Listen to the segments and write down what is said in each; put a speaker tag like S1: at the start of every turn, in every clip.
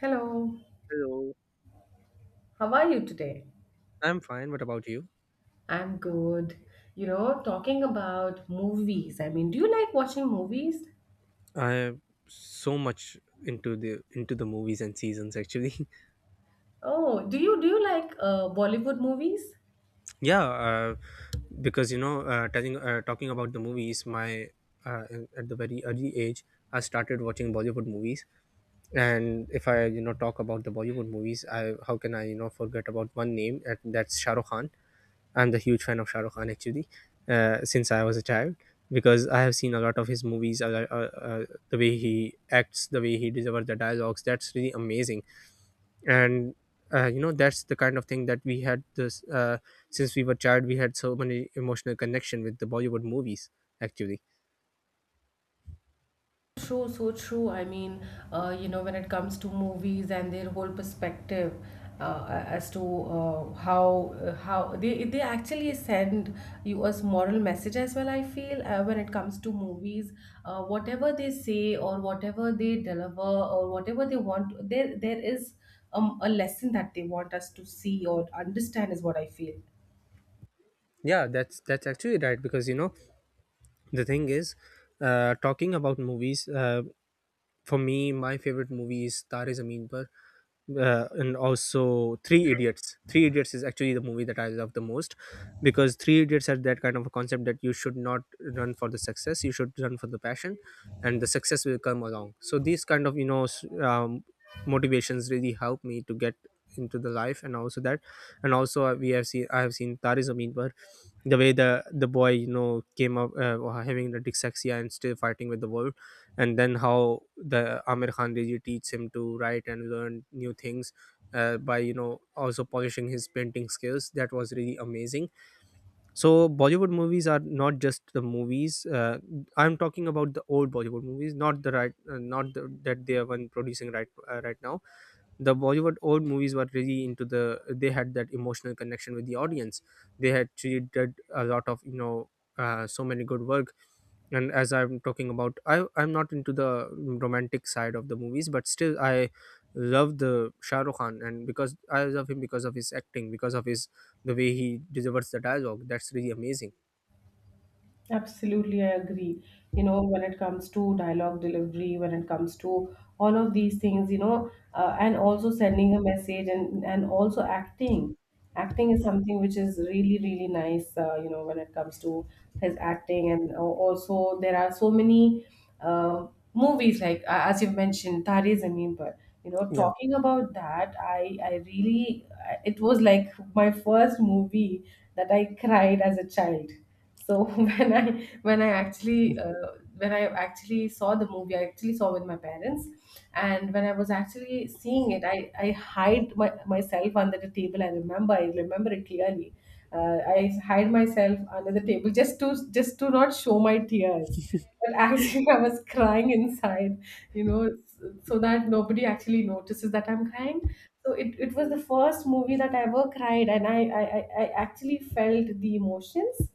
S1: Hello,
S2: Hello,
S1: how are you today?
S2: I'm fine. What about you?
S1: I'm good. You know, talking about movies. I mean, do you like watching movies?
S2: I'm so much into the movies and seasons actually.
S1: Oh, do you like Bollywood movies?
S2: yeah, uh, because talking about the movies, my uh, at the very early age, I started watching Bollywood movies. And if I talk about the Bollywood movies, I how can I forget about one name? And That's Shah Rukh Khan. I'm the huge fan of Shah Rukh Khan actually, since I was a child, because I have seen a lot of his movies. A The way he acts, the way he delivers the dialogues, that's really amazing. And You know, that's the kind of thing that we had this since we were child, we had so many emotional connection with the Bollywood movies actually.
S1: True, so true. I mean, you know, when it comes to movies and their whole perspective as to how they actually send you a moral message as well. I feel when it comes to movies, whatever they say or whatever they deliver or whatever they want, there is a lesson that they want us to see or understand is what I feel.
S2: Yeah, that's actually right, because you know, the thing is, talking about movies. For me, my favorite movie is Tare Zameen Par, and also Three Idiots. Three Idiots is actually the movie that I love the most, because Three Idiots had that kind of a concept that you should not run for the success, you should run for the passion, and the success will come along. So these kind of, motivations really help me to get into the life, and also, we have seen I have seen Tare Zameen Par. The way the boy, you know, came up, having the dyslexia and still fighting with the world, and then how the Amir Khan Riji teaches him to write and learn new things, by, you know, also polishing his painting skills. That was really amazing. So Bollywood movies are not just the movies. I'm talking about the old Bollywood movies, not the, that they are one producing right now. The Bollywood old movies were really into the, they had that emotional connection with the audience. They had really did a lot of, you know, so many good work. And as I'm talking about, I'm not into the romantic side of the movies, but still I love the Shah Rukh Khan. And Because I love him, because of his acting, because of his, the way he delivers the dialogue, that's really amazing.
S1: Absolutely, I agree. You know, when it comes to dialogue delivery, when it comes to all of these things, and also sending a message, and also acting. Acting is something which is really, really nice, when it comes to his acting. And also, there are so many uh, movies, like, as you've mentioned, Tare Zameen Par. You know,
S2: Yeah.
S1: talking about that, I really, it was like my first movie that I cried as a child. So when I actually saw the movie, I actually saw with my parents, and when I was actually seeing it, I hide myself under the table. I remember it clearly. I hide myself under the table just to not show my tears. But actually, I was crying inside, so that nobody actually notices that I'm crying. So it was the first movie that I ever cried, and I actually felt the emotions.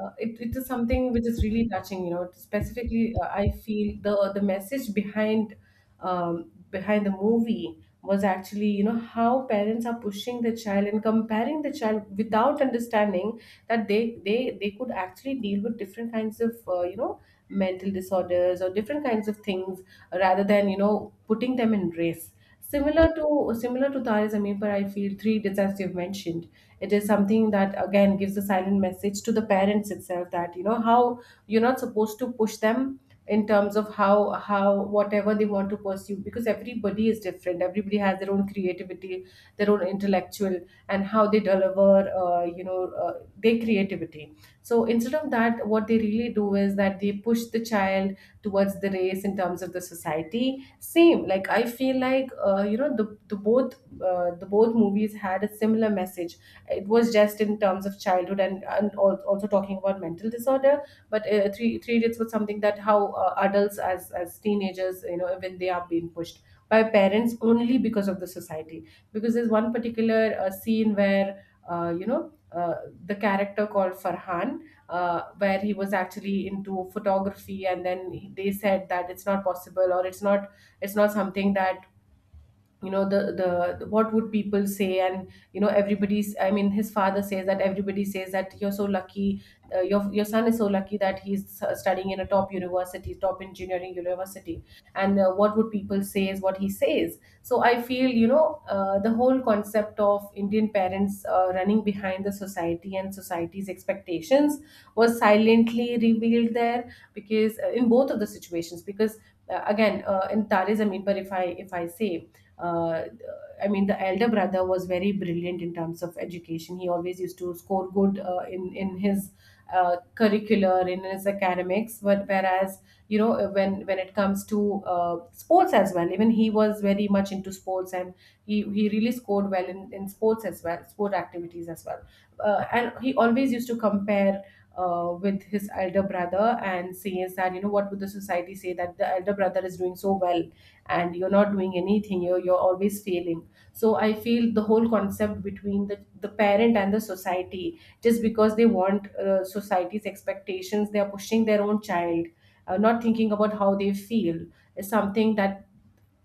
S1: It is something which is really touching. Specifically, I feel the message behind, behind the movie was actually, how parents are pushing the child and comparing the child without understanding that they could actually deal with different kinds of, mental disorders or different kinds of things rather than, putting them in race, similar to similar to Tare Zameen Par. I feel Three Deaths, as you've mentioned, it is something that again gives a silent message to the parents itself, that, how you're not supposed to push them in terms of how, whatever they want to pursue, because everybody is different, everybody has their own creativity, their own intellectual, and how they deliver, their creativity. So instead of that, what they really do is that they push the child towards the race in terms of the society. Same, like, I feel like, you know the both movies had a similar message. It was just in terms of childhood, and also talking about mental disorder. But three idiots was something that how adults, as teenagers, when they are being pushed by parents only because of the society, because there's one particular scene where uh, you know uh, the character called Farhan, where he was actually into photography, and then they said that it's not possible or it's not, something that, you know the the what would people say. And, everybody's, I mean, his father says that everybody says that you're so lucky, your son is so lucky, that he's studying in a top university, top engineering university, and what would people say is what he says. So I feel, the whole concept of Indian parents running behind the society and society's expectations was silently revealed there, because in both of the situations, because again, in Tare Zameen Par, if I say, uh, I mean, the elder brother was very brilliant in terms of education. He always used to score good, in his curricular, in his academics. But, whereas, when it comes to sports as well, even he was very much into sports, and he really scored well in sports as well, sport activities as well. And he always used to compare with his elder brother, and says that, what would the society say, that the elder brother is doing so well and you're not doing anything, you're always failing. So I feel the whole concept between the parent and the society, just because they want society's expectations, they are pushing their own child, not thinking about how they feel is something that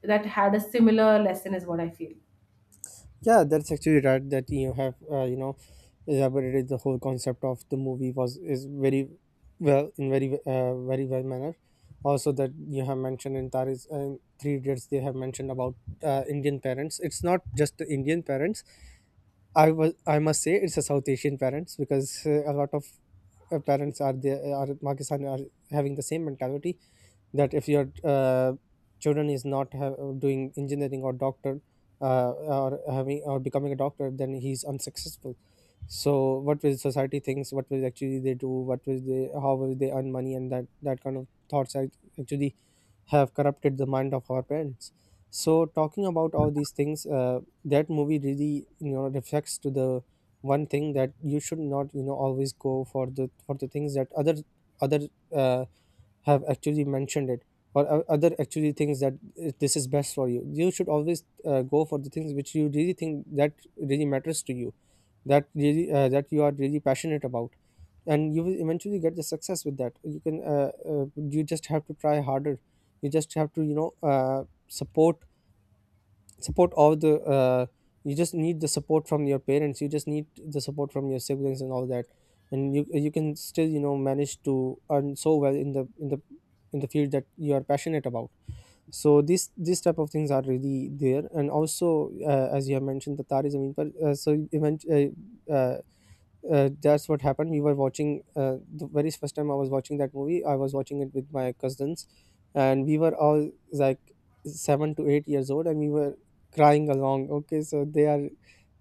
S1: had a similar lesson is what I feel.
S2: Yeah, that's actually right. That you have, you know, elaborated the whole concept of the movie was is very well, in very well manner. Also, that you have mentioned in Taris and Three Idiots, they have mentioned about, Indian parents. It's not just the Indian parents. I must say it's a South Asian parents, because a lot of parents are, there are Pakistani are having the same mentality, that if your, children is not doing engineering or doctor, or having or becoming a doctor, then he's unsuccessful. So what will society thinks, what will actually they do, what will they, how will they earn money? And that, kind of thoughts actually have corrupted the mind of our parents. So talking about all these things, that movie really, you know, reflects to the one thing, that you should not, you know, always go for the things that other, uh, have actually mentioned it, or other actually things that, this is best for you. You should always, go for the things which you really think that really matters to you, that really, that you are really passionate about. And you will eventually get the success with that. You just have to try harder, you just have to, you know, support support of the you just need the support from your parents, you just need the support from your siblings and all that. And you can still, you know, manage to earn so well in the in the in the field that you are passionate about. So these type of things are really there. And also, as you have mentioned the tarism, so you uh, uh, that's what happened. We were watching, the very first time I was watching that movie, I was watching it with my cousins, and we were all like 7 to 8 years old, and we were crying along. Okay, so they are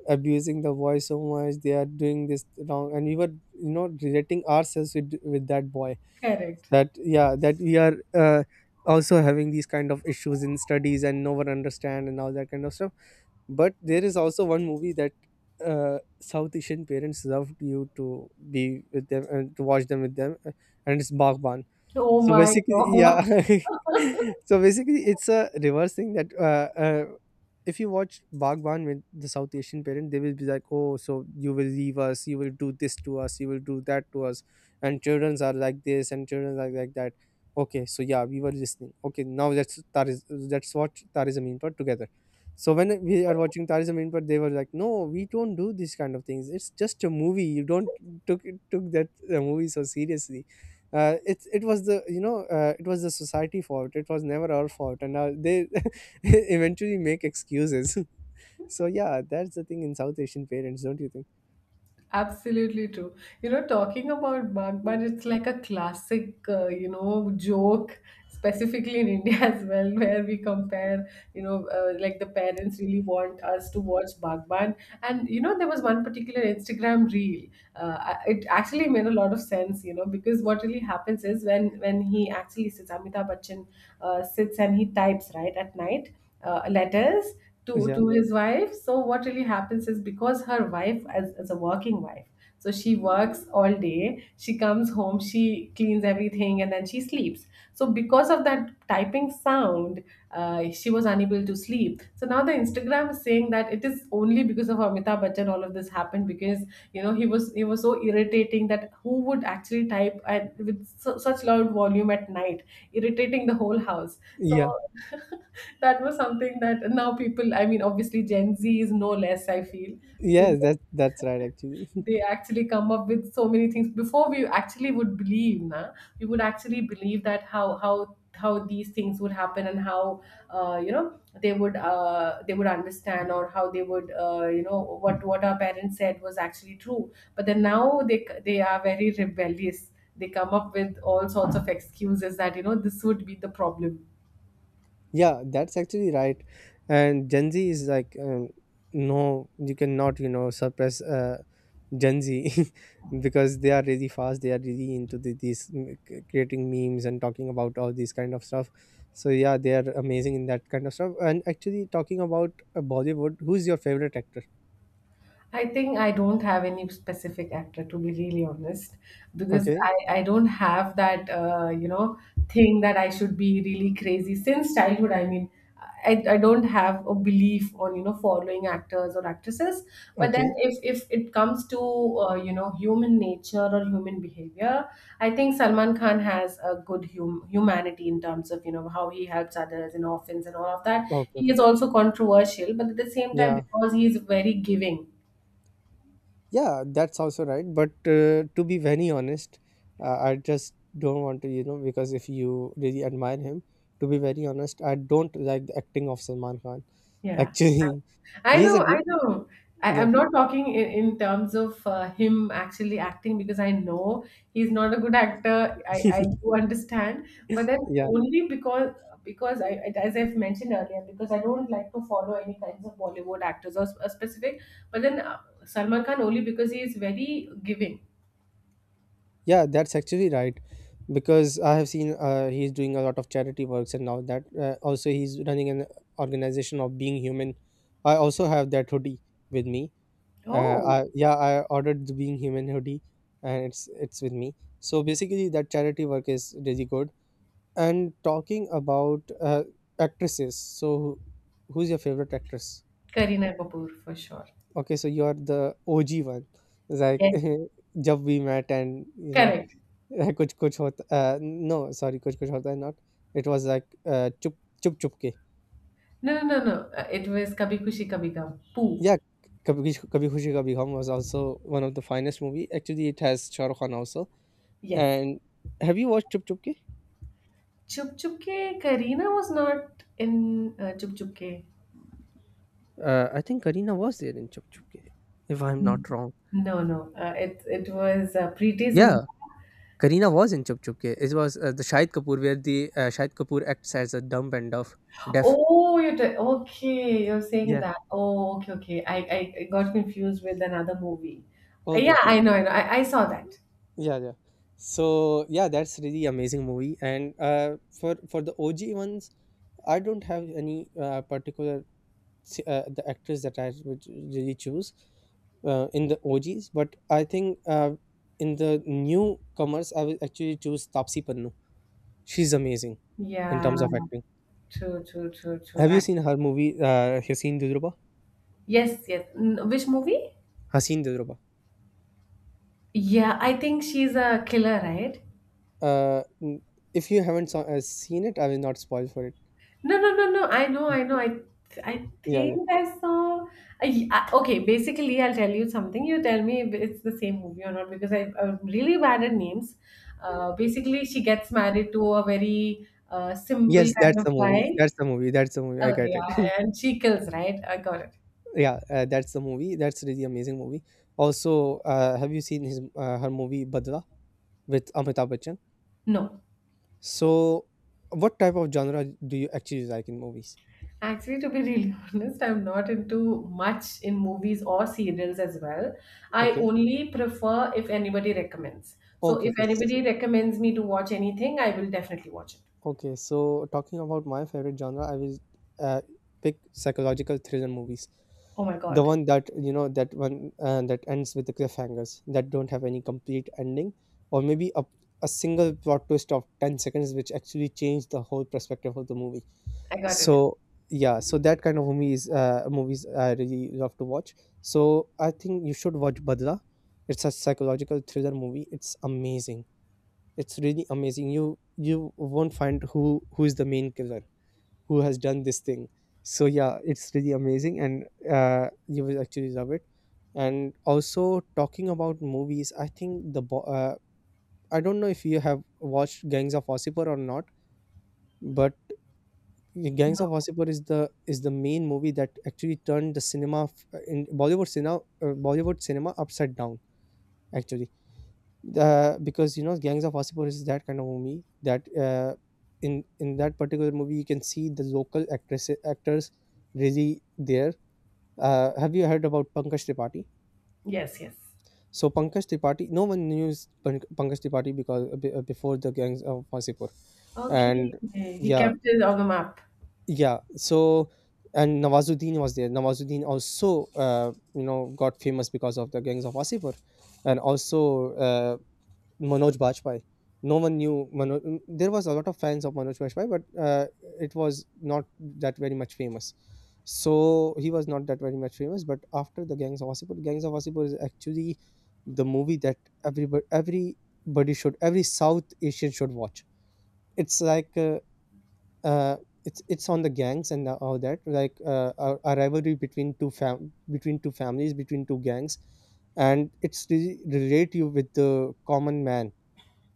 S2: abusing the boy so much, they are doing this wrong, and we were, you know, relating ourselves with that boy.
S1: Correct.
S2: That yeah, that we are. Also having these kind of issues in studies and no one understand and all that kind of stuff. But there is also one movie that, South Asian parents love you to be with them and to watch them with them, and it's Baghban.
S1: Oh
S2: So
S1: my
S2: basically,
S1: God.
S2: yeah. So basically, it's a reverse thing that, if you watch Bhagwan with the South Asian parent, they will be like, "Oh, so you will leave us, you will do this to us, you will do that to us," and childrens are like this, and children are like that. Okay, so yeah, we were listening. Okay, now let's watch Tariz Amin Par together. So when we are watching Tariz Amin Par, they were like, "No, we don't do these kind of things. It's just a movie. You don't took took that, movie so seriously." It was the, you know, it was the society fault, it was never our fault, and now they, eventually make excuses. So yeah, that's the thing in South Asian parents, don't you think?
S1: Absolutely true. You know, talking about Bagban, it's like a classic, joke, specifically in India as well, where we compare, like the parents really want us to watch Bagban. And there was one particular Instagram reel. It actually made a lot of sense, because what really happens is when, he actually sits, Amitabh Bachchan sits and he types, right, at night. Letters to
S2: Yeah
S1: to his wife. So what really happens is, because her wife, as a working wife, so she works all day, she comes home, she cleans everything, and then she sleeps. So because of that typing sound, she was unable to sleep. So now the Instagram is saying that it is only because of Amitabh Bachchan all of this happened, because, he was so irritating, that who would actually type with such loud volume at night, irritating the whole house.
S2: yeah
S1: So that was something that now people, I mean, obviously Gen Z is no less, I feel. Because
S2: yeah that that's right actually.
S1: they actually come up with so many things. Before we actually would believe, na, we would actually believe that how these things would happen, and how they would understand, or how they would, what our parents said was actually true. But then now they are very rebellious. They come up with all sorts of excuses that, this would be the problem.
S2: Yeah, that's actually right. And Gen Z is like, no, you cannot, you know, suppress, Gen Z. Because they are really fast. They are really into the, creating memes and talking about all these kind of stuff. So yeah, they are amazing in that kind of stuff. And actually, talking about, Bollywood, who's your favorite actor?
S1: I think I don't have any specific actor, to be really honest, because
S2: Okay,
S1: I don't have that thing that I should be really crazy since childhood. I mean, I don't have a belief on, following actors or actresses. But then,
S2: okay,
S1: if it comes to human nature or human behavior, I think Salman Khan has a good humanity in terms of, how he helps others and orphans and all of that.
S2: okay,
S1: He
S2: okay.
S1: is also controversial, but at the same time,
S2: Yeah,
S1: because he is very giving.
S2: yeah, that's also right. But, to be very honest, I just don't want to, you know, because if you really admire him, to be very honest, I don't like the acting of Salman Khan.
S1: Yeah. I
S2: Actually,
S1: I
S2: he's a
S1: know,
S2: gr-
S1: I know. I,
S2: yeah,
S1: I'm not talking in terms of him actually acting, because I know he's not a good actor. I do understand, but then
S2: yeah.
S1: only because, as I've mentioned earlier, because I don't like to follow any kinds of Bollywood actors, or a specific. But then, Salman Khan, only because he is very giving.
S2: Yeah, that's actually right, because I have seen, he's doing a lot of charity works and now that. Also, he's running an organization of Being Human. I also have that hoodie with me.
S1: Oh,
S2: Yeah, I ordered the Being Human hoodie, and it's with me. So basically, that charity work is really good. And talking about, actresses, so who's your favorite actress?
S1: Kareena Kapoor for sure.
S2: Okay, so you're the OG one, like
S1: Yes,
S2: Jab We Met, and you know.
S1: correct.
S2: Yeah, kuch kuch hot. No, sorry, kuch kuch hota is not. It was like ah, chupke.
S1: No, no, no, no. It was Kabhi Khushi Kabhi Gum. Poo.
S2: Yeah, kabi kabi kabi khushi ka bhi. Home was also one of the finest movie. Actually, it has Shahrukh Khan also.
S1: Yes.
S2: And have you watched Chup Chupke?
S1: Chup Chup Ke, Kareena was not in Chup Chup Ke.
S2: Ah, I think Kareena was there in Chup Chupke, if I'm not wrong.
S1: No, no. It was Preeti's in.
S2: Yeah, Kareena was in Chup Chupke. It was the Shahid Kapoor, where the Shahid Kapoor acts as a dumb and deaf.
S1: Oh, okay. You're saying
S2: Yeah.
S1: that. Oh, okay, okay. I got confused with another movie.
S2: Okay,
S1: Yeah,
S2: okay.
S1: I know, I know. I saw that.
S2: Yeah, yeah. So yeah, that's really amazing movie. And ah, for the O.G. ones. I don't have any, particular the actress that I would really choose, in the OGs, but I think, in the newcomers, I will actually choose Tapsi Pannu. She's amazing in
S1: Yeah,
S2: terms of acting.
S1: true, true, true, true.
S2: Have you
S1: I,
S2: seen her movie, Haseen Dudruba?
S1: yes, yes. Which movie?
S2: Haseen Dudruba.
S1: Yeah, I think she's a killer, right?
S2: Uh, n- if you haven't seen it, I will not spoil for it.
S1: No, no, no, no. I know, I know. I
S2: Yeah,
S1: think
S2: yeah.
S1: I saw. Okay, basically, I'll tell you something. You tell me if it's the same movie or not, because I'm really bad at names. Basically, she gets married to a very simple
S2: Yes,
S1: kind
S2: that's
S1: of
S2: the movie. That's
S1: guy.
S2: the movie. That's the movie. I
S1: Okay,
S2: got it.
S1: yeah, and she kills, right? I got it.
S2: Yeah, that's the movie, that's really amazing movie. Also, have you seen his her movie Badla with Amitabh Bachchan?
S1: No.
S2: So what type of genre do you actually like in movies?
S1: Actually, to be really honest, I'm not into much in movies or serials as well. I
S2: Okay
S1: only prefer if anybody recommends. So,
S2: okay
S1: if
S2: okay
S1: anybody recommends me to watch anything, I will definitely watch it.
S2: Okay, so talking about my favorite genre, I will uh, pick psychological thriller movies.
S1: Oh my
S2: The
S1: God,
S2: one that, you know, that ends with the cliffhangers, that don't have any complete ending, or maybe a single plot twist of 10 seconds, which actually changed the whole perspective of the movie.
S1: I got it.
S2: So yeah, so that kind of, movies I really love to watch. So I think you should watch Badla. It's a psychological thriller movie. It's amazing. It's really amazing. You won't find who is the main killer, who has done this thing. So yeah, it's really amazing, and you will actually love it. And also, talking about movies, I think the I don't know if you have watched Gangs of Wasseypur or not, but Gangs
S1: No.
S2: of Wasseypur is the main movie that actually turned the in Bollywood cinema, Bollywood cinema, upside down actually. Because, you know, Gangs of Wasseypur is that kind of movie that in that particular movie you can see the local actresses, actors really there. Have you heard about Pankaj Tripathi?
S1: Yes, yes.
S2: So Pankaj Tripathi, no one knew Pankaj Tripathi, because before the Gangs of Wasseypur.
S1: Okay.
S2: And
S1: He
S2: yeah
S1: kept it on the map.
S2: yeah. So and Nawazuddin was there. Nawazuddin also, uh, you know, got famous because of the Gangs of Wasseypur. And also, uh, Manoj Bajpayee. No one knew Manoj. There was a lot of fans of Manoj Bajpayee, but it was not that very much famous. So he was not that very much famous. But after the Gangs of Wasseypur is actually the movie that everybody, everybody should, every South Asian should watch. It's like uh, it's on the gangs and all that, like a rivalry between two fam between two families, between two gangs, and it's really relate you with the common man.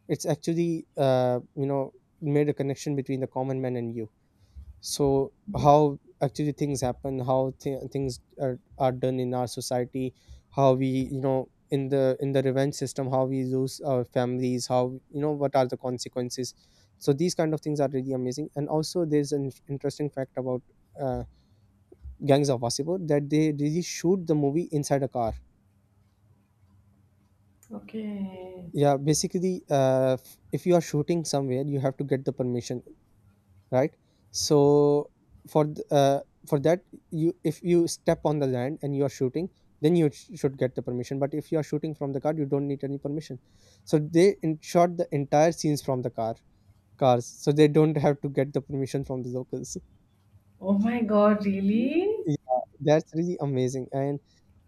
S2: It's actually, you know, made a connection between the common man and you. So
S1: Hmm.
S2: how actually things happen, how things are done in our society, how we, you know, in the revenge system, how we lose our families, how, you know, what are the consequences. So these kind of things are really amazing. And also, there's an interesting fact about uh, Gangs of Wasseypur, that they really shoot the movie inside a car.
S1: Okay.
S2: Yeah, basically, if you are shooting somewhere, you have to get the permission, right? So for th- uh, for that, you, if you step on the land and you are shooting, then you should get the permission. But if you are shooting from the car, you don't need any permission. So they in shot the entire scenes from the car, cars, so they don't have to get the permission from the locals.
S1: Oh my God, really?
S2: Yeah, that's really amazing. And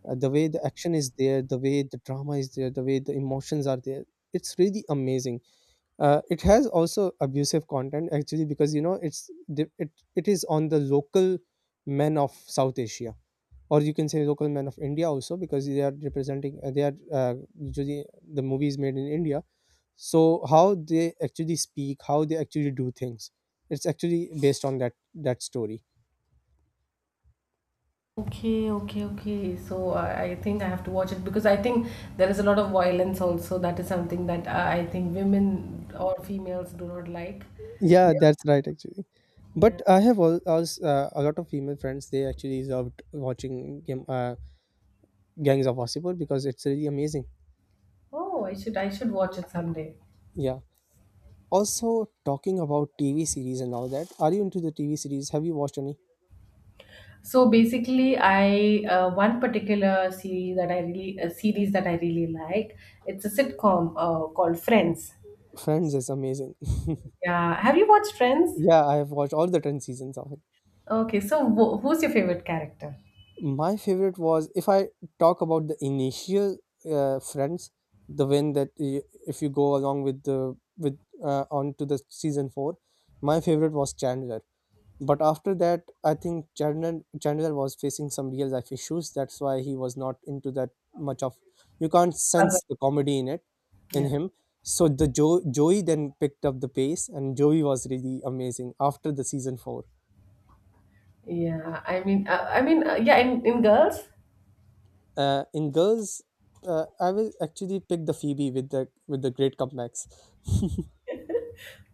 S2: the way the action is there, the way the drama is there, the way the emotions are there, it's really amazing. It has also abusive content actually, because you know, it's it is on the local men of South Asia, or you can say local men of India also, because they are representing, they are, usually the movies made in India. So how they actually speak, how they actually do things, it's actually based on that story.
S1: Okay, okay, okay. So I think I have to watch it, because I think there is a lot of violence also. That is something that I think women or females do not like.
S2: Yeah, that's right actually.
S1: Yeah.
S2: But I have also, a lot of female friends, they actually loved watching Gangs of Wasseypur, because it's really amazing.
S1: Oh, I should watch it someday.
S2: Yeah. Also, talking about TV series and all that, are you into the TV series? Have you watched any?
S1: So basically, I one particular series that I really a series that I really like. It's a sitcom called Friends.
S2: Friends is amazing.
S1: Yeah. Have you watched Friends?
S2: Yeah, I have watched all the 10 seasons of it.
S1: Okay. So wh who's your favorite character?
S2: My favorite was, if I talk about the initial Friends, the one that if you go along with the with on to the season 4, my favorite was Chandler. But after that, I think Chandler was facing some real life issues. That's why he was not into that much of. You can't
S1: Father.
S2: sense the comedy in it, in
S1: Yeah.
S2: him. So the Joey then picked up the pace, and Joey was really amazing after the season four.
S1: Yeah. I mean, yeah. In girls.
S2: In girls, I will actually pick the Phoebe with the great comebacks.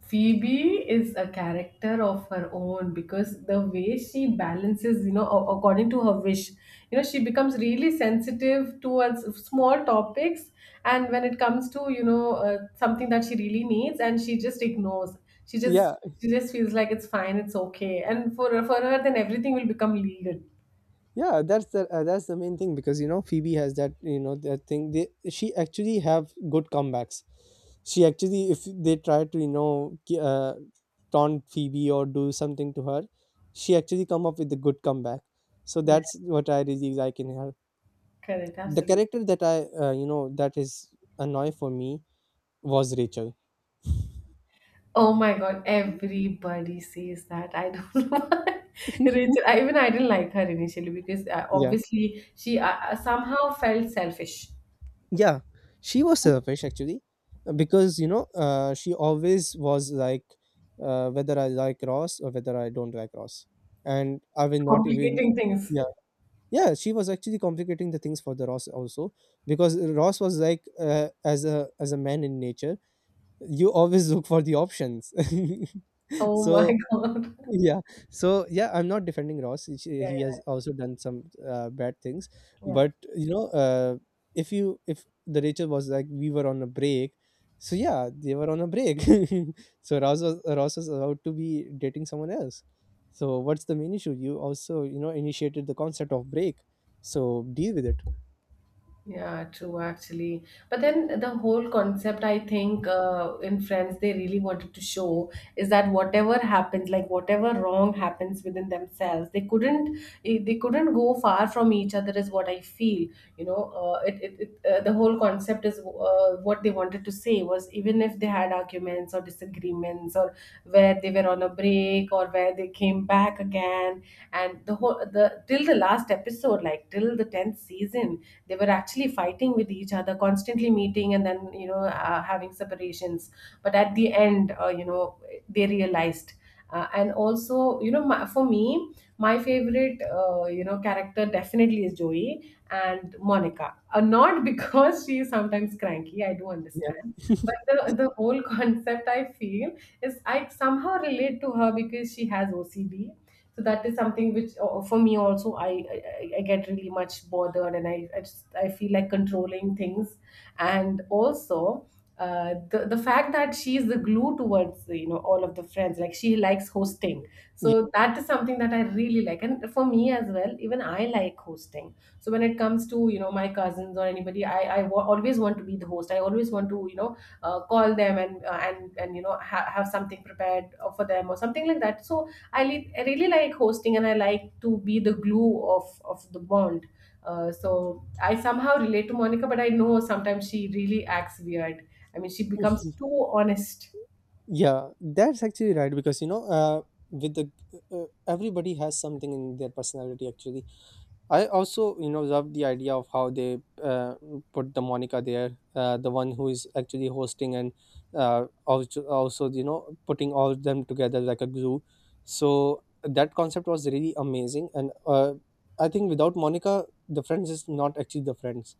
S1: Phoebe is a character of her own because the way she balances, you know, according to her wish, you know, she becomes really sensitive towards small topics. And when it comes to, you know, something that she really needs and she just ignores,
S2: Yeah,
S1: she just feels like it's fine, it's okay. And for her, then everything will become legal.
S2: yeah, that's the main thing, because you know, Phoebe has that, you know, that thing, they, she actually have good comebacks. She actually, if they try to, you know, taunt Phoebe or do something to her, she actually come up with a good comeback. So
S1: Yeah,
S2: that's what I really like in her.
S1: correct.
S2: The
S1: Absolutely.
S2: character that I, you know, that is annoy for me, was Rachel.
S1: Oh my god, everybody says that. I don't know why. Even I didn't like her initially because
S2: Yeah.
S1: obviously she somehow felt selfish,
S2: Yeah, she was selfish actually, because you know, she always was like, whether I like Ross or whether I don't like Ross, and I will not even.
S1: complicating things.
S2: Yeah, yeah, she was actually complicating the things for the Ross also, because Ross was like, as a man in nature, you always look for the options.
S1: Oh my
S2: So
S1: god.
S2: yeah. So yeah, I'm not defending Ross.
S1: Yeah,
S2: He has also done some bad things.
S1: yeah, yeah.
S2: But you know, if you, if the Rachel was like, we were on a break, so yeah, they were on a break. So Ross was, Ross was about to be dating someone else. So what's the main issue? You also, you know, initiated the concept of break, so deal with it.
S1: Yeah, true, actually. But then the whole concept, I think, in Friends, they really wanted to show is that whatever happens, like whatever wrong happens within themselves, they couldn't go far from each other, is what I feel. You know, it, it, it the whole concept is what they wanted to say was even if they had arguments or disagreements, or where they were on a break, or where they came back again, and the till the last episode, like till the 10th season, they were actually fighting with each other, constantly meeting and then having separations, but at the end you know, they realized. And also, you know, for me my favorite you know character definitely is Joey and Monica, not because she is sometimes cranky, I do
S2: Yeah.
S1: understand, but the whole concept I feel is I somehow relate to her because she has OCD. So that is something which for me also, I get really much bothered and I feel like controlling things. And also the fact that she is the glue towards, you know, all of the friends, like she likes hosting.
S2: Yeah,
S1: So that is something that I really like, and for me as well, even I like hosting. So when it comes to, you know, my cousins or anybody, always want to be the host. I always want to, you know, call them and and you know have something prepared for them or something like that. So I really like hosting and I like to be the glue of the bond. So I somehow relate to Monica, but I know sometimes she really acts weird. I mean, she becomes too honest.
S2: yeah, that's actually right, because you know, with the uh, everybody has something in their personality actually. I also, you know, love the idea of how they uh, put the Monica there, the one who is actually hosting, and also, you know, putting all of them together like a glue. So that concept was really amazing, and I think without Monica, the Friends is not actually the Friends,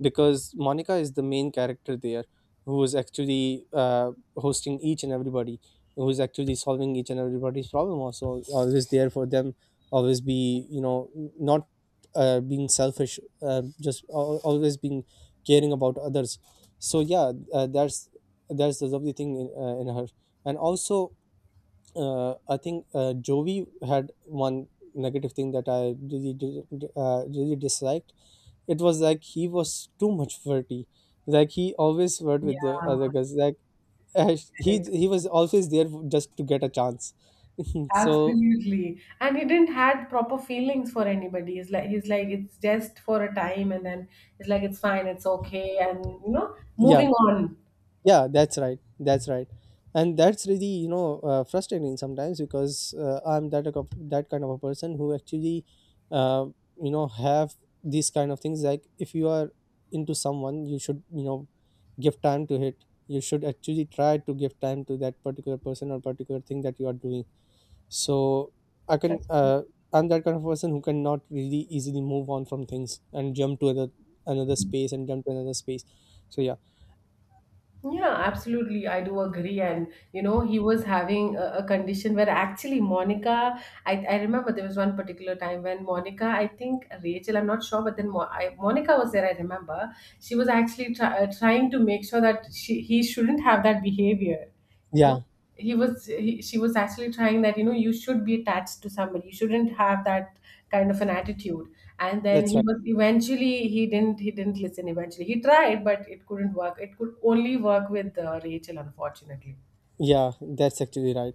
S2: because Monica is the main character there, who is actually hosting each and everybody, who is actually solving each and everybody's problem. Also, always there for them, always be, you know, not being selfish, just always being caring about others. So yeah, that's the lovely thing in her. And also, I think Jovi had one negative thing that I really did, really disliked. It was like he was too much flirty. Like he always flirt with the
S1: Yeah,
S2: other guys. Like he
S1: right.
S2: he was always there just to get a chance. So
S1: Absolutely. And he didn't had proper feelings for anybody. He's like it's just for a time and then it's like it's fine, it's okay, and you know,
S2: yeah,
S1: moving on.
S2: yeah, that's right, that's right. And that's really, you know, frustrating sometimes, because I'm that that kind of a person who actually uh, you know have these kind of things. Like, if you are into someone, you should, you know, give time to it. You should actually try to give time to that particular person or particular thing that you are doing. So I can
S1: Like,
S2: I'm that kind of person who cannot really easily move on from things and jump to other, another space, and jump to another space. So yeah.
S1: yeah, absolutely. I do agree. And you know, he was having a condition where actually I remember there was one particular time when Monica, I think Rachel, I'm not sure, but then Monica was there. I remember she was actually trying to make sure that she he shouldn't have that behavior. You
S2: Yeah,
S1: know, she was actually trying that you know you should be attached to somebody, you shouldn't have that kind of an attitude. And then
S2: that's
S1: he
S2: right.
S1: was eventually, he didn't listen. Eventually he tried, but it couldn't work. It could only work with Rachel, unfortunately.
S2: Yeah, that's actually right.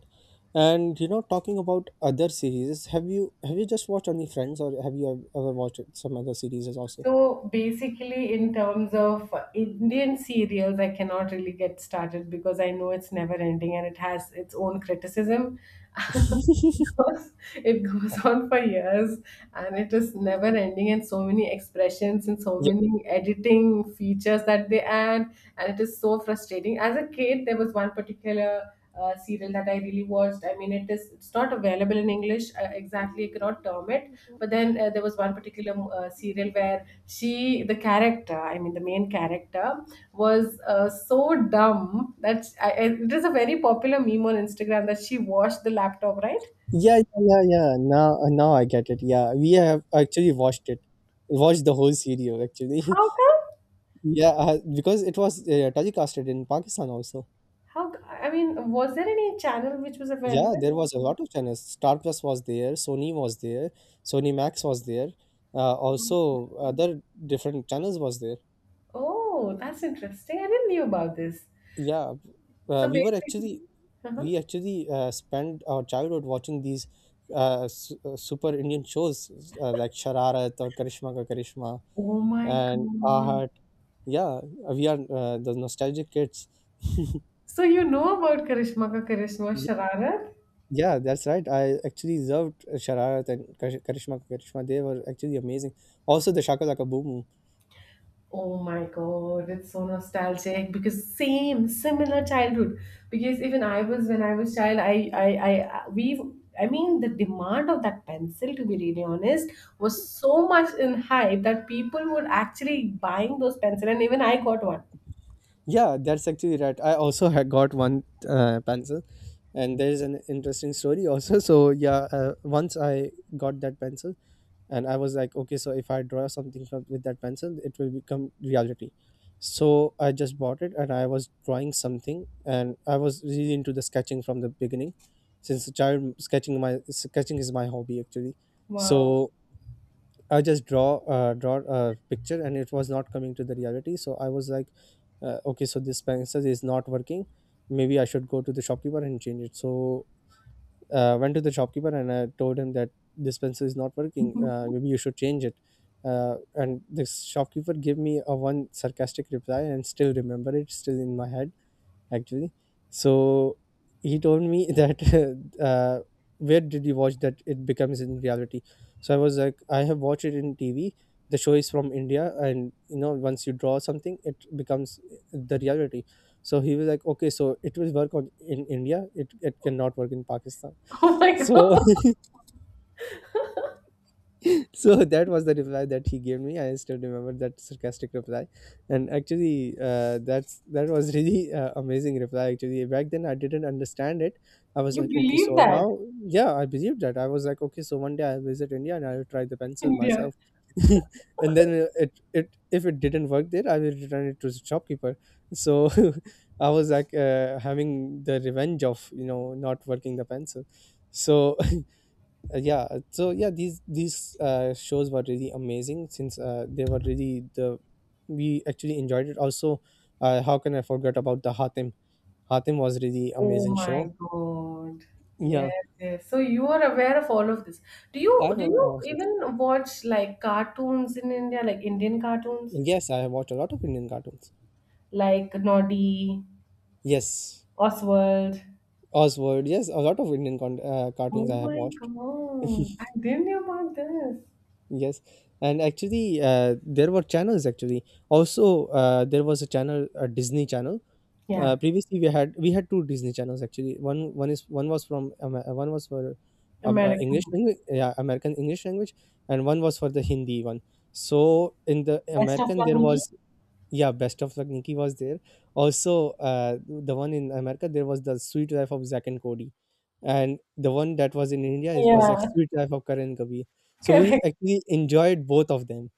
S2: And you know, talking about other series, have you, have you just watched only Friends, or have you ever watched some other series also?
S1: So basically, in terms of Indian serials, I cannot really get started because I know it's never ending and it has its own criticism. goes It goes on for years, and it is never ending, and so many expressions and so
S2: Yeah,
S1: many editing features that they add, and it is so frustrating. As a kid, there was one particular serial that I really watched. I mean, it is, it's not available in English, exactly I cannot term it. But then there was one particular serial where she the character, I mean the main character, was so dumb that it is a very popular meme on Instagram that she washed the laptop, right?
S2: yeah, yeah, yeah, yeah. Now, now I get it. Yeah, we have actually watched it, watched the whole series actually.
S1: How come?
S2: Yeah, because it was telecasted in Pakistan also.
S1: How? I mean, was there any channel which was
S2: Yeah,
S1: available?
S2: there was a lot of channels. Star Plus was there, Sony Max was there. Also, other different channels was there.
S1: Oh, that's interesting. I didn't knew about this.
S2: Yeah,
S1: So
S2: we were
S1: basically,
S2: actually,
S1: uh-huh.
S2: we actually spent our childhood watching these super Indian shows, like Shararat or Karishma Ka Karishma
S1: Oh my
S2: and
S1: God.
S2: Ahat. Yeah, we are the nostalgic kids.
S1: So you know about Karishma Ka Karishma Shararat?
S2: Yeah, that's right. I actually loved Shararat and Karishma Karishma. They were actually amazing. Also, the Shaka Laka Boom Boom.
S1: Oh my god, it's so nostalgic because same similar childhood. Because even I was, when I was child, I mean the demand of that pencil, to be really honest, was so much in hype that people were actually buying those pencil, and even I got one.
S2: Yeah, that's actually right. I also had got one pencil, and there's an interesting story also. So yeah, once I got that pencil, and I was like, okay, so if I draw something from, with that pencil, it will become reality. So I just bought it and I was drawing something, and I was really into the sketching from the beginning. Since a child, sketching, my sketching is my hobby actually.
S1: Wow.
S2: So I just draw, draw a picture, and it was not coming to the reality. So I was like, okay, so this pencil is not working, maybe I should go to the shopkeeper and change it. So went to the shopkeeper and I told him that this pencil is not working. Maybe you should change it. And this shopkeeper gave me a one sarcastic reply, and still remember it, still in my head actually. So he told me that uh, where did you watch that it becomes in reality? So I was like, I have watched it in TV. The show is from India, and you know, once you draw something, it becomes the reality. So he was like, okay, so it will work on in India. It cannot work in Pakistan.
S1: Oh my
S2: So
S1: god.
S2: so that was the reply that he gave me. I still remember that sarcastic reply, and actually that was really amazing reply. Actually back then I didn't understand it. I was
S1: You
S2: like, okay,
S1: believe
S2: so
S1: that?
S2: now, yeah, I believed that. I was like, okay, so one day I'll visit India and I'll try the pencil
S1: India.
S2: myself. And then it, if it didn't work there, I will return it to the shopkeeper. So I was like, having the revenge of, you know, not working the pencil. So yeah, so yeah, these shows were really amazing, since they were really the, we actually enjoyed it also. How can I forget about the Hatim? Hatim was really
S1: Oh
S2: amazing show.
S1: my God.
S2: Yeah,
S1: Yes, yes. So you are aware of all of this. Do
S2: I
S1: you
S2: also,
S1: even watch like cartoons in India, like Indian cartoons?
S2: yes, I have watched a lot of Indian cartoons.
S1: Like Noddy,
S2: Yes,
S1: Oswald.
S2: Oswald, yes, a lot of Indian cartoons
S1: Oh
S2: I have
S1: my
S2: watched.
S1: God. I didn't know about this.
S2: Yes. And actually there were channels actually, also there was a channel, a Disney channel.
S1: Yeah.
S2: Previously we had two Disney channels actually. One was from one was for
S1: American.
S2: English language, yeah, American English language. And one was for the Hindi one. So in the
S1: Best of
S2: American
S1: luck,
S2: there
S1: Nikki.
S2: was, yeah, Best of Luck Nikki was there. Also the one in America there was The Sweet Life of Zack and Cody, and the one that was in India, it was like
S1: Yeah,
S2: Sweet Life of Karan Kabir. So we
S1: correct.
S2: actually enjoyed both of them.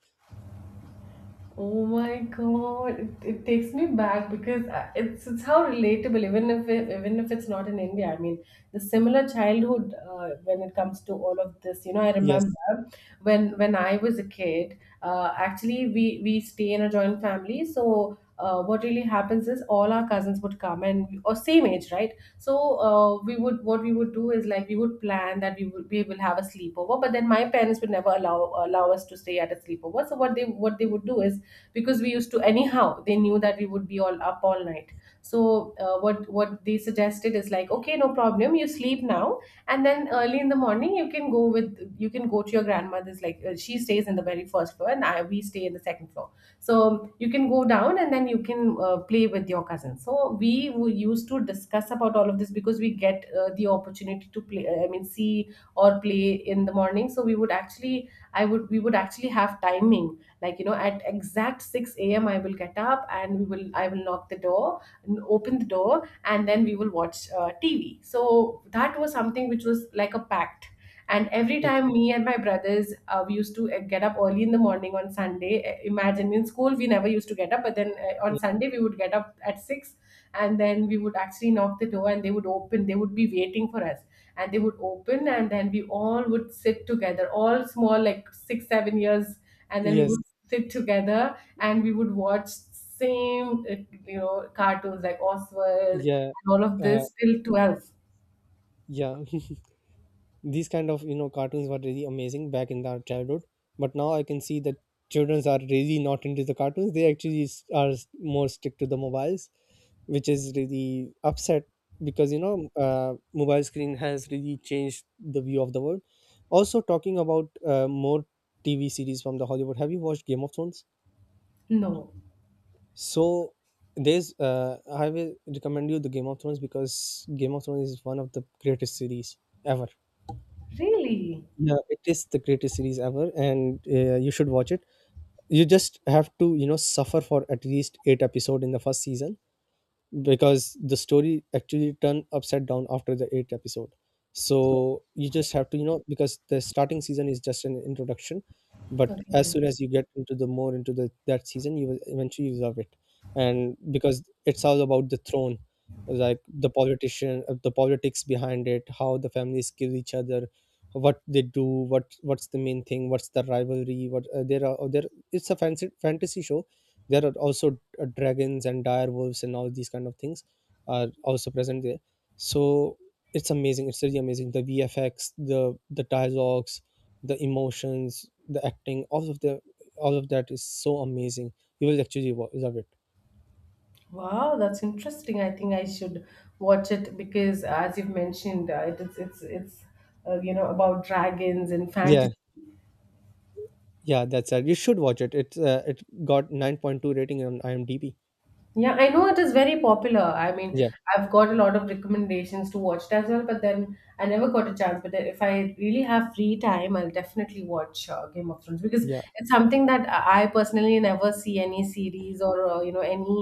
S1: Oh my God, it takes me back because it's how relatable, even if it, even if it's not in India. I mean, the similar childhood when it comes to all of this. You know, I
S2: Yes.
S1: remember when I was a kid. Actually, we stay in a joint family. So what really happens is all our cousins would come, and or same age, right? So we would, what we would do is like we would plan that we will have a sleepover, but then my parents would never allow us to stay at a sleepover. So what they would do is, because we used to anyhow, they knew that we would be all up all night. So what they suggested is like, okay, no problem, you sleep now, and then early in the morning you can go with, you can go to your grandmother's, like she stays in the very first floor, and we stay in the second floor. So you can go down and then you can play with your cousin. So we were used to discuss about all of this because we get the opportunity to play, I mean see or play in the morning. So we would actually, I would we would actually have timing, like you know, at exact 6 a.m I will get up, and we will I will knock the door and open the door, and then we will watch TV. So that was something which was like a pact. And every
S2: Okay.
S1: time me and my brothers we used to get up early in the morning on Sunday. Imagine in school we never used to get up, but then on Sunday we would get up at 6, and then we would actually knock the door and they would open, they would be waiting for us, and they would open. And then we all would sit together, all small, like 6 7 years, and then we
S2: Yes.
S1: would sit together, and we would watch same you know cartoons like Oswald
S2: Yeah.
S1: and all of
S2: uh,
S1: this till 12.
S2: yeah, these kind of, you know, cartoons were really amazing back in our childhood. But now I can see that children are really not into the cartoons. They actually are more stick to the mobiles, which is really upset, because you know, mobile screen has really changed the view of the world. Also talking about more TV series from the Hollywood, have you watched Game of Thrones?
S1: No.
S2: So there's, I will recommend you the Game of Thrones, because Game of Thrones is one of the greatest series ever.
S1: Really?
S2: Yeah, it is the greatest series ever, and you should watch it. You just have to, you know, suffer for at least eight episode in the first season, because the story actually turned upside down after the eighth episode. So you just have to, you know, because the starting season is just an introduction, but as
S1: Okay.
S2: soon as you get into the more into the that season, you will eventually love it. And because it's all about the throne, like the politician, the politics behind it, how the families kill each other, what they do, what's the main thing, what's the rivalry, what there are there. It's a fancy fantasy show. There are also dragons and dire wolves, and all these kind of things are also present there. So it's amazing, it's really amazing. The VFX, the dialogues, the emotions, the acting, all of that is so amazing. You will actually love it.
S1: Wow, that's interesting. I think I should watch it because as you've mentioned, it is, it's you know, about dragons and
S2: Yeah.
S1: fantasy.
S2: Yeah, that's it, you should watch it. It's, it got 9.2 rating on IMDb.
S1: Yeah, I know it is very popular. I mean,
S2: Yeah.
S1: I've got a lot of recommendations to watch it as well, but then I never got a chance. But if I really have free time, I'll definitely watch Game of Thrones, because
S2: Yeah.
S1: it's something that I personally never see any series or you know any,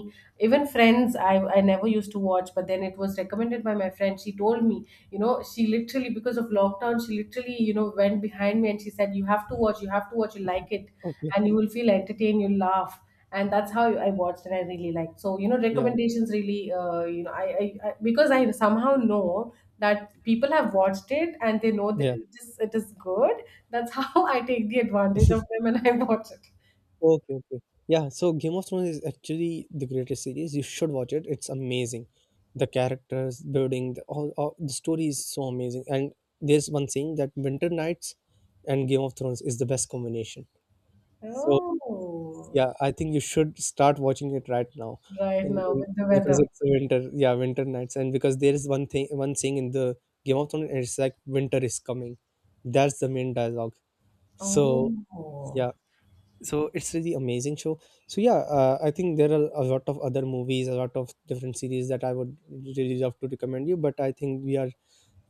S1: even Friends. I never used to watch, but then it was recommended by my friend. She told me, you know, she literally, because of lockdown, she literally, you know, went behind me and she said, "You have to watch. You have to watch. You like it,
S2: Okay.
S1: and you will feel entertained. You'll laugh." And that's how I watched and I really liked. So you know,
S2: Yeah.
S1: recommendations really, you know, I because I somehow know that people have watched it and they know that
S2: Yeah.
S1: it is good. That's how I take the advantage of them and I watch it.
S2: Okay, okay. Yeah, so Game of Thrones is actually the greatest series. You should watch it. It's amazing. The characters, building, the, all the story is so amazing. And there's one saying that Winter Nights and Game of Thrones is the best combination. So
S1: Oh,
S2: yeah, I think you should start watching it right now,
S1: right
S2: and,
S1: now
S2: and
S1: with the weather.
S2: because it's winter. Yeah, Winter Nights, and because there is one thing, one saying in the Game of Thrones, and it's like winter is coming. That's the main dialogue. So
S1: Oh,
S2: yeah, so it's really amazing show. So yeah, I think there are a lot of other movies, a lot of different series that I would really love to recommend you, but I think we are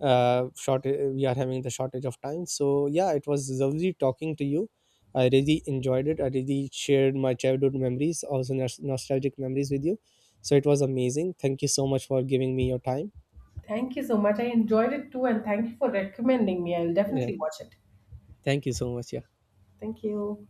S2: short, we are having the shortage of time. So yeah, it was lovely talking to you, I really enjoyed it. I really shared my childhood memories, also nostalgic memories with you. So it was amazing, thank you so much for giving me your time.
S1: thank you so much. I enjoyed it too, and thank you for recommending me. I'll
S2: Yeah,
S1: definitely watch it.
S2: thank you so much, yeah.
S1: Thank you.